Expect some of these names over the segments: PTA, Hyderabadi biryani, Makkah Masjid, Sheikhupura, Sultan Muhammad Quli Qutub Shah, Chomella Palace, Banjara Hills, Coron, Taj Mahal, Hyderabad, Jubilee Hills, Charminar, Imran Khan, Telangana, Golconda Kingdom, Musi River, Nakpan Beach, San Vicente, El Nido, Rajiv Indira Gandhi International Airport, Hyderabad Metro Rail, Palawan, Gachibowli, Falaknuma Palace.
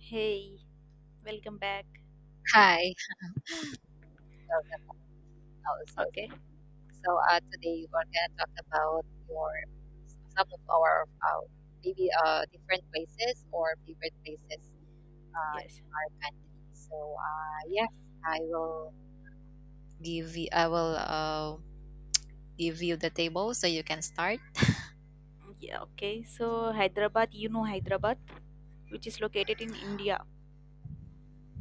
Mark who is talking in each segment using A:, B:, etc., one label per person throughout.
A: Hey, welcome back.
B: Hi, welcome also.
A: Okay,
B: So today we're gonna talk about your some of our maybe different places or favorite places in
A: yes.
B: the country. So yes, I will I will give you the table so you can start.
A: Yeah, okay. So, Hyderabad, you know Hyderabad, which is located in India.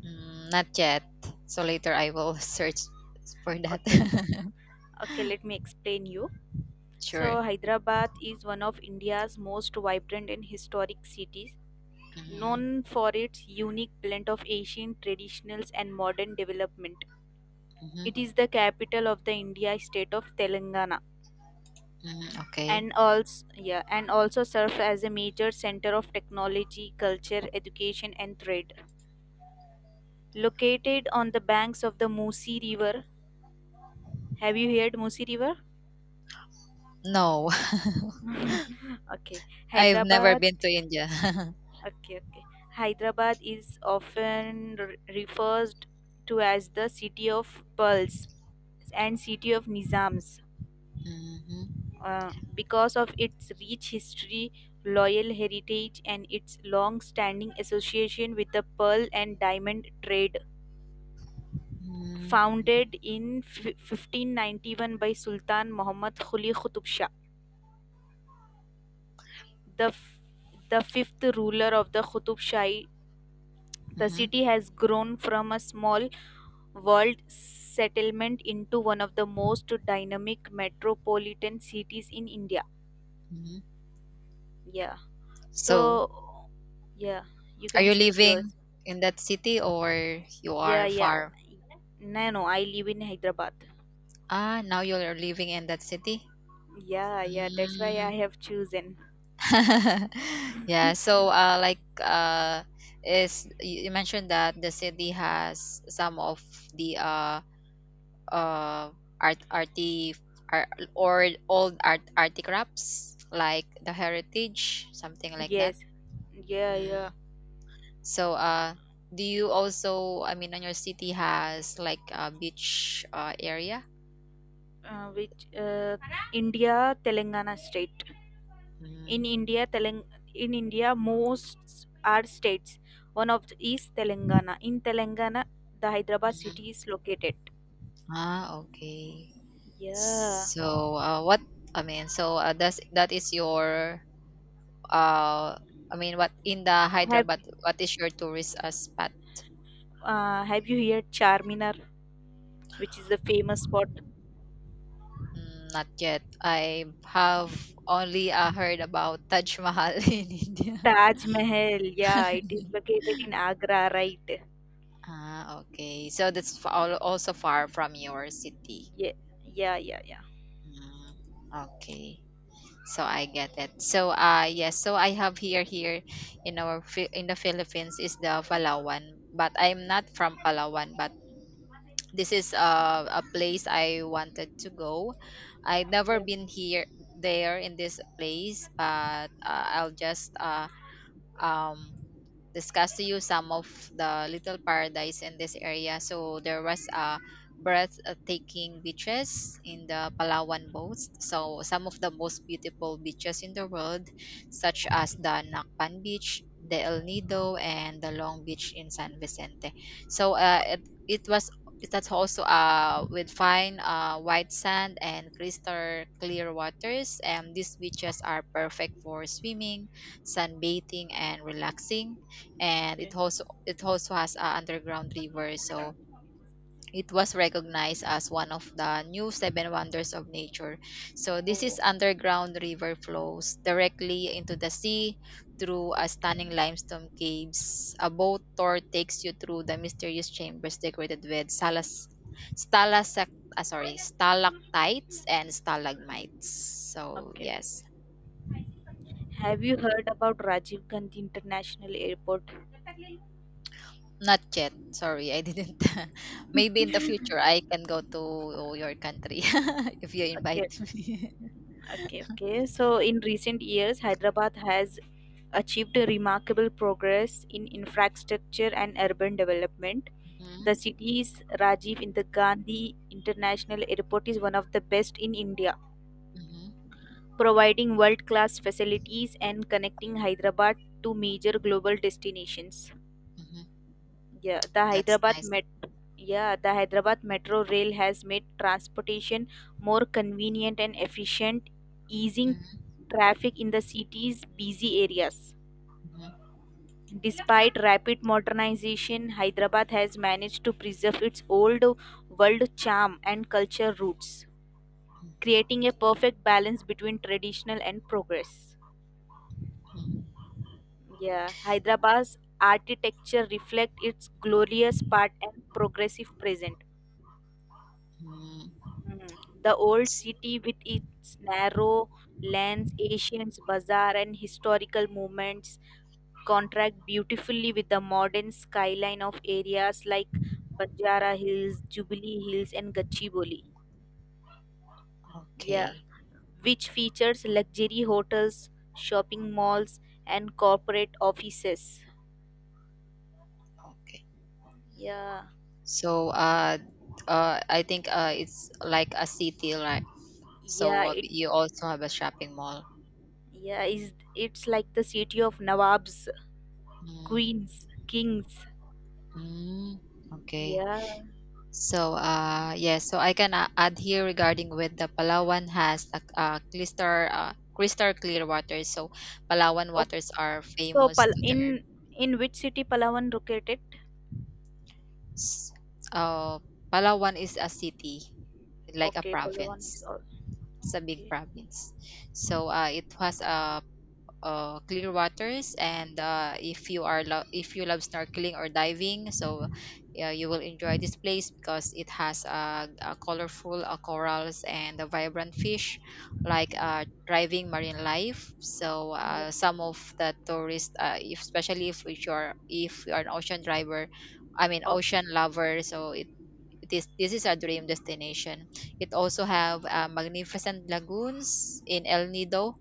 B: Mm, not yet. So later I will search for that.
A: Okay, okay. Okay, let me explain you. So,
B: Sure.
A: Hyderabad is one of India's most vibrant and historic cities,
B: Hmm.
A: known for its unique blend of Asian traditionals and modern development.
B: Hmm.
A: It is the capital of the India state of Telangana
B: Hmm. Okay.
A: and also yeah and also serves as a major center of technology, culture, education, and trade. Located on the banks of the Musi River. Have you heard Musi River?
B: No,
A: okay.
B: I've never
A: Hyderabad.
B: been to India.
A: Okay, okay. Hyderabad is often referred to as the city of pearls and city of Nizams,
B: Mhm.
A: because of its rich history, loyal heritage, and its long standing association with the pearl and diamond trade.
B: Mhm, mhm,
A: Founded in 1591 by Sultan Muhammad Quli Qutub Shah. the f- the fifth ruler of the Qutub Shahi, the
B: mhm,
A: city has grown from a small walled settlement into one of the most dynamic metropolitan cities in India.
B: mhm.
A: Yeah.
B: So,
A: So, yeah, you
B: are
A: can
B: you
A: share
B: living
A: yours.
B: in that city, or you
A: Yeah,
B: are
A: yeah.
B: far?
A: No, no, I live in Hyderabad.
B: Ah, now you are living in that city?
A: Yeah, yeah, that's why I
B: Mm.
A: have chosen.
B: Yeah, so like is you you mentioned that the city has some of the uh art arty ar- or old art arty crafts, like the heritage, something like that.
A: Yes. Yeah, yeah.
B: So, do you also, I mean, on your city has like a beach area?
A: Which India, Telangana state.
B: Mm-hmm.
A: In India, most are states. One of the is Telangana. In Telangana, the Hyderabad city is located.
B: Ah, okay.
A: Yeah.
B: So, what, I mean, so that is your, uh, I mean, what in the
A: Have
B: Hyderabad, what is your tourist spot?
A: Have you heard Charminar, which is the famous spot?
B: Mm, not yet. I have only heard about Taj Mahal in India.
A: Taj Mahal. Yeah, it is located in Agra, right?
B: Ah, okay. So that's also far from your city.
A: Yeah, yeah, yeah, yeah,
B: Mm, okay. So I get it. So yes, so I have here in our in the Philippines is the Palawan, but I'm not from Palawan, but this is a place I wanted to go. I never
A: yeah.
B: been here there in this place, but I'll just um discuss to you some of the little paradise in this area. So there was a breathtaking beaches in the Palawan coast. So some of the most beautiful beaches in the world, such as the Nakpan Beach, the El Nido, and the Long Beach in San Vicente. So it, it was it that's also with fine white sand and crystal clear waters, and these beaches are perfect for swimming, sunbathing, and relaxing, and it also has a underground river, so it was recognized as one of the new seven wonders of nature. So this is underground river flows directly into the sea through a stunning limestone caves. A boat tour takes you through the mysterious chambers decorated with ah, sorry, stalactites and stalagmites, so yes.
A: Have you heard about Rajiv Gandhi International Airport?
B: Not yet. Sorry, I didn't. Maybe in the future I can go to your country if you invite
A: Okay.
B: me.
A: Okay, okay. So in recent years, Hyderabad has achieved a remarkable progress in infrastructure and urban development.
B: Mhm,
A: The city's Rajiv Indira Gandhi International Airport is one of the best in India,
B: mhm,
A: providing world-class facilities and connecting Hyderabad to major global destinations.
B: mhm.
A: Yeah, the
B: That's
A: Hyderabad
B: nice.
A: Met yeah, the Hyderabad Metro Rail has made transportation more convenient and efficient, easing
B: Mhm,
A: traffic in the city's busy areas.
B: mhm,
A: Despite rapid modernization, Hyderabad has managed to preserve its old world charm and culture roots, creating a perfect balance between traditional and progress.
B: mhm,
A: Yeah, Hyderabad's architecture reflects its glorious part and progressive present.
B: mhm.
A: Mm. The old
B: S-
A: city with its narrow lanes, ancient bazaar, and historical monuments, contrast beautifully with the modern skyline of areas like Banjara Hills, Jubilee Hills, and Gachibowli. Yeah,
B: Okay,
A: which features luxury hotels, shopping malls, and corporate offices.
B: okay.
A: Yeah,
B: So, I think it's like a city, right? So
A: yeah, it
B: you also have a shopping mall.
A: yeah is it's like the city of nawabs,
B: Mm,
A: queens, kings.
B: mm, okay.
A: Yeah.
B: So, yes, so I can add here regarding with the Palawan has a crystal clear water. So, Palawan waters are
A: So,
B: famous
A: Pal
B: to their.
A: in which city Palawan located?
B: s- Uh, Palawan is a city, like a
A: Okay, Palawan is
B: province.
A: all
B: It's a big
A: okay.
B: province. So,
A: Okay,
B: it was a clear waters, and if you are if you love snorkeling or diving, so yeah, you will enjoy this place because it has colorful corals and vibrant fish, like
A: yeah,
B: thriving marine life, so
A: yeah.
B: some of the tourists, if, especially if you are an ocean driver, I mean
A: Oh,
B: ocean lover, so it is this is a dream destination. It also have magnificent lagoons in El Nido,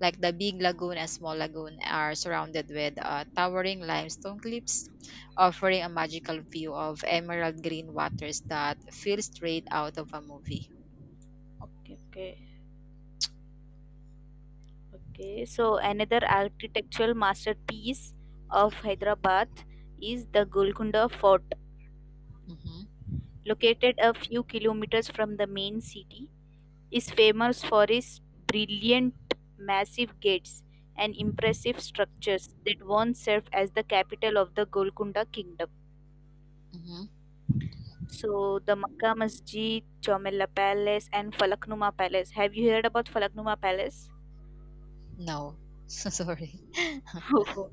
B: like the Big Lagoon and Small Lagoon, are surrounded with towering limestone cliffs, offering a magical view of emerald green waters that feel straight out of a movie.
A: okay, okay, okay. So, another architectural masterpiece of Hyderabad is the Golconda Fort,
B: Mm-hmm,
A: located a few kilometers from the main city. Is famous for its brilliant, massive gates and impressive structures that once served as the capital of the Golconda Kingdom.
B: mm-hmm.
A: So the Makkah Masjid, Chomella Palace, and Falaknuma Palace. Have you heard about Falaknuma Palace?
B: No, sorry.
A: Oh,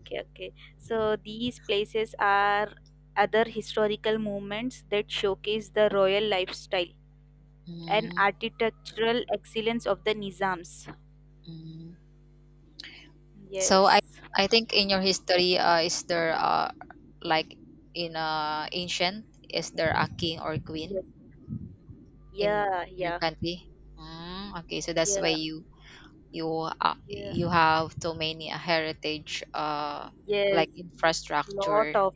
A: okay, okay. So these places are other historical movements that showcase the royal lifestyle and
B: Mm.
A: architectural excellence of the Nizams.
B: Mm. So I
A: Yes.
B: I think in your history, is there like in ancient, is there a king or queen
A: Yes.
B: in
A: Yeah,
B: your
A: yeah,
B: country? Mm, okay, so that's why
A: yeah, yeah.
B: you have too many heritage
A: Yes.
B: like
A: Lot
B: infrastructure.
A: of,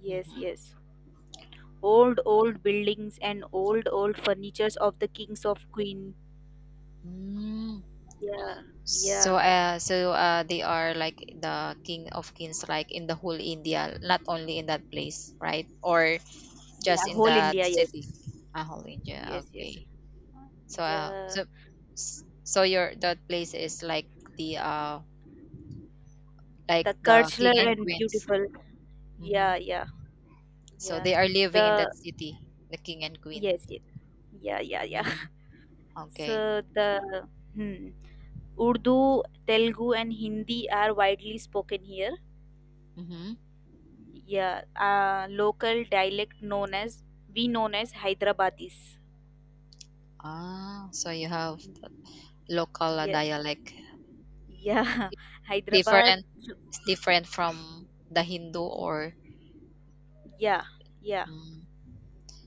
A: yes,
B: Mhm.
A: yes. Old, old buildings and old, old furnitures of the kings of queen.
B: Mm.
A: Yeah,
B: so
A: yeah,
B: uh so uh they are like the king of kings, like in the whole india, not only in that place, right? Or just
A: yeah.
B: in
A: Whole
B: that
A: India, yes,
B: city? Ah, whole india,
A: yes, yes.
B: okay. so uh
A: Yeah,
B: so so your that place is like the, like
A: the
B: the king
A: cultural
B: and
A: and
B: queens.
A: beautiful.
B: Hmm,
A: Yeah, yeah,
B: so
A: yeah.
B: they are living in
A: The
B: that city, the king and queen.
A: yes, yes. Yeah, yeah, yeah.
B: Mm, okay.
A: So the hmm, Urdu, Telugu, and Hindi are widely spoken here.
B: Mhm.
A: Yeah, local dialect known as Hyderabadis.
B: Ah, so you have local
A: Yeah,
B: dialect.
A: yeah, Hyderabad.
B: Different, it's different from the Hindu, or
A: Yeah, yeah.
B: mm,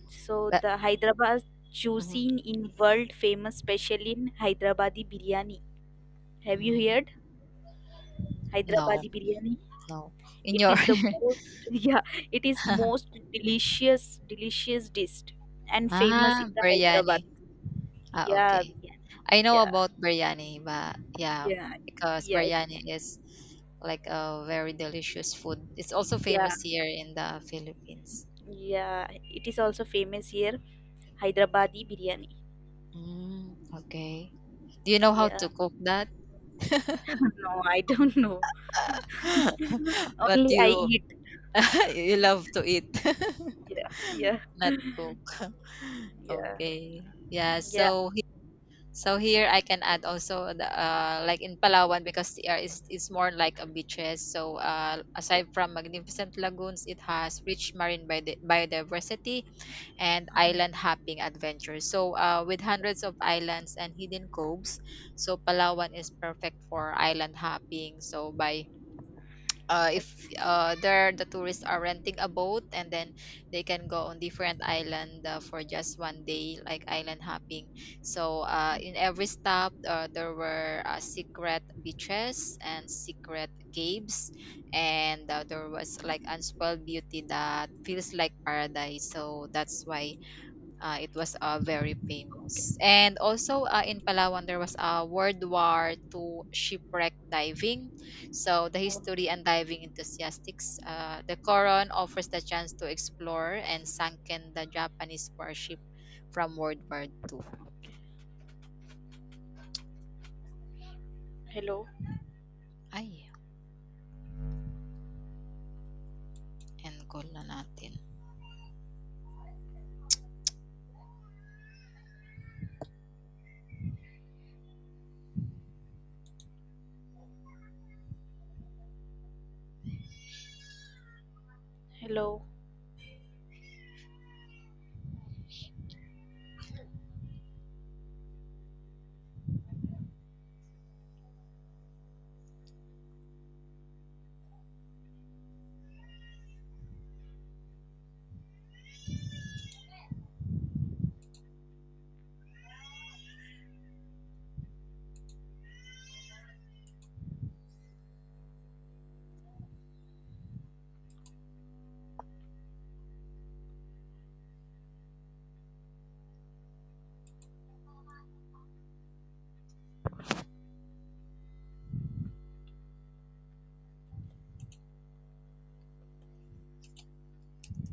A: So
B: but
A: the Hyderabad
B: mhm,
A: cuisine in world famous, special in Hyderabadi biryani. Have you
B: mm,
A: heard
B: no,
A: Hyderabadi biryani?
B: no. In
A: It
B: your
A: is the most, yeah, it is most delicious dish and
B: ah,
A: famous in the
B: biryani.
A: Hyderabad.
B: Ah,
A: Yeah,
B: okay.
A: biryani.
B: I know
A: Yeah,
B: about biryani, but yeah,
A: yeah,
B: because
A: yeah, it,
B: biryani is like a very delicious food. It's also famous
A: yeah,
B: here in the Philippines.
A: yeah. It is also famous here Hyderabadi biryani.
B: Mm, okay. Do you know how
A: Yeah,
B: to cook that?
A: no, I don't know.
B: But
A: Only I
B: you
A: eat.
B: you love to eat.
A: Yeah, yeah,
B: Not cook.
A: yeah.
B: Okay. Yeah.
A: Yeah,
B: So here I can add also the, like in Palawan, because the air is more like a beaches. So aside from magnificent lagoons, it has rich marine biodiversity and island hopping adventures. So with hundreds of islands and hidden coves, so Palawan is perfect for island hopping. So by if the tourists are renting a boat, and then they can go on different island for just one day, like island hopping. So in every stop there were secret beaches and secret caves, and there was like unspoiled beauty that feels like paradise, so that's why it was very famous. And also in Palawan, there was a World War II shipwreck diving. So the history and diving enthusiasts, the Coron offers the chance to explore and sunken the Japanese warship from World War II. Ay, end call na natin.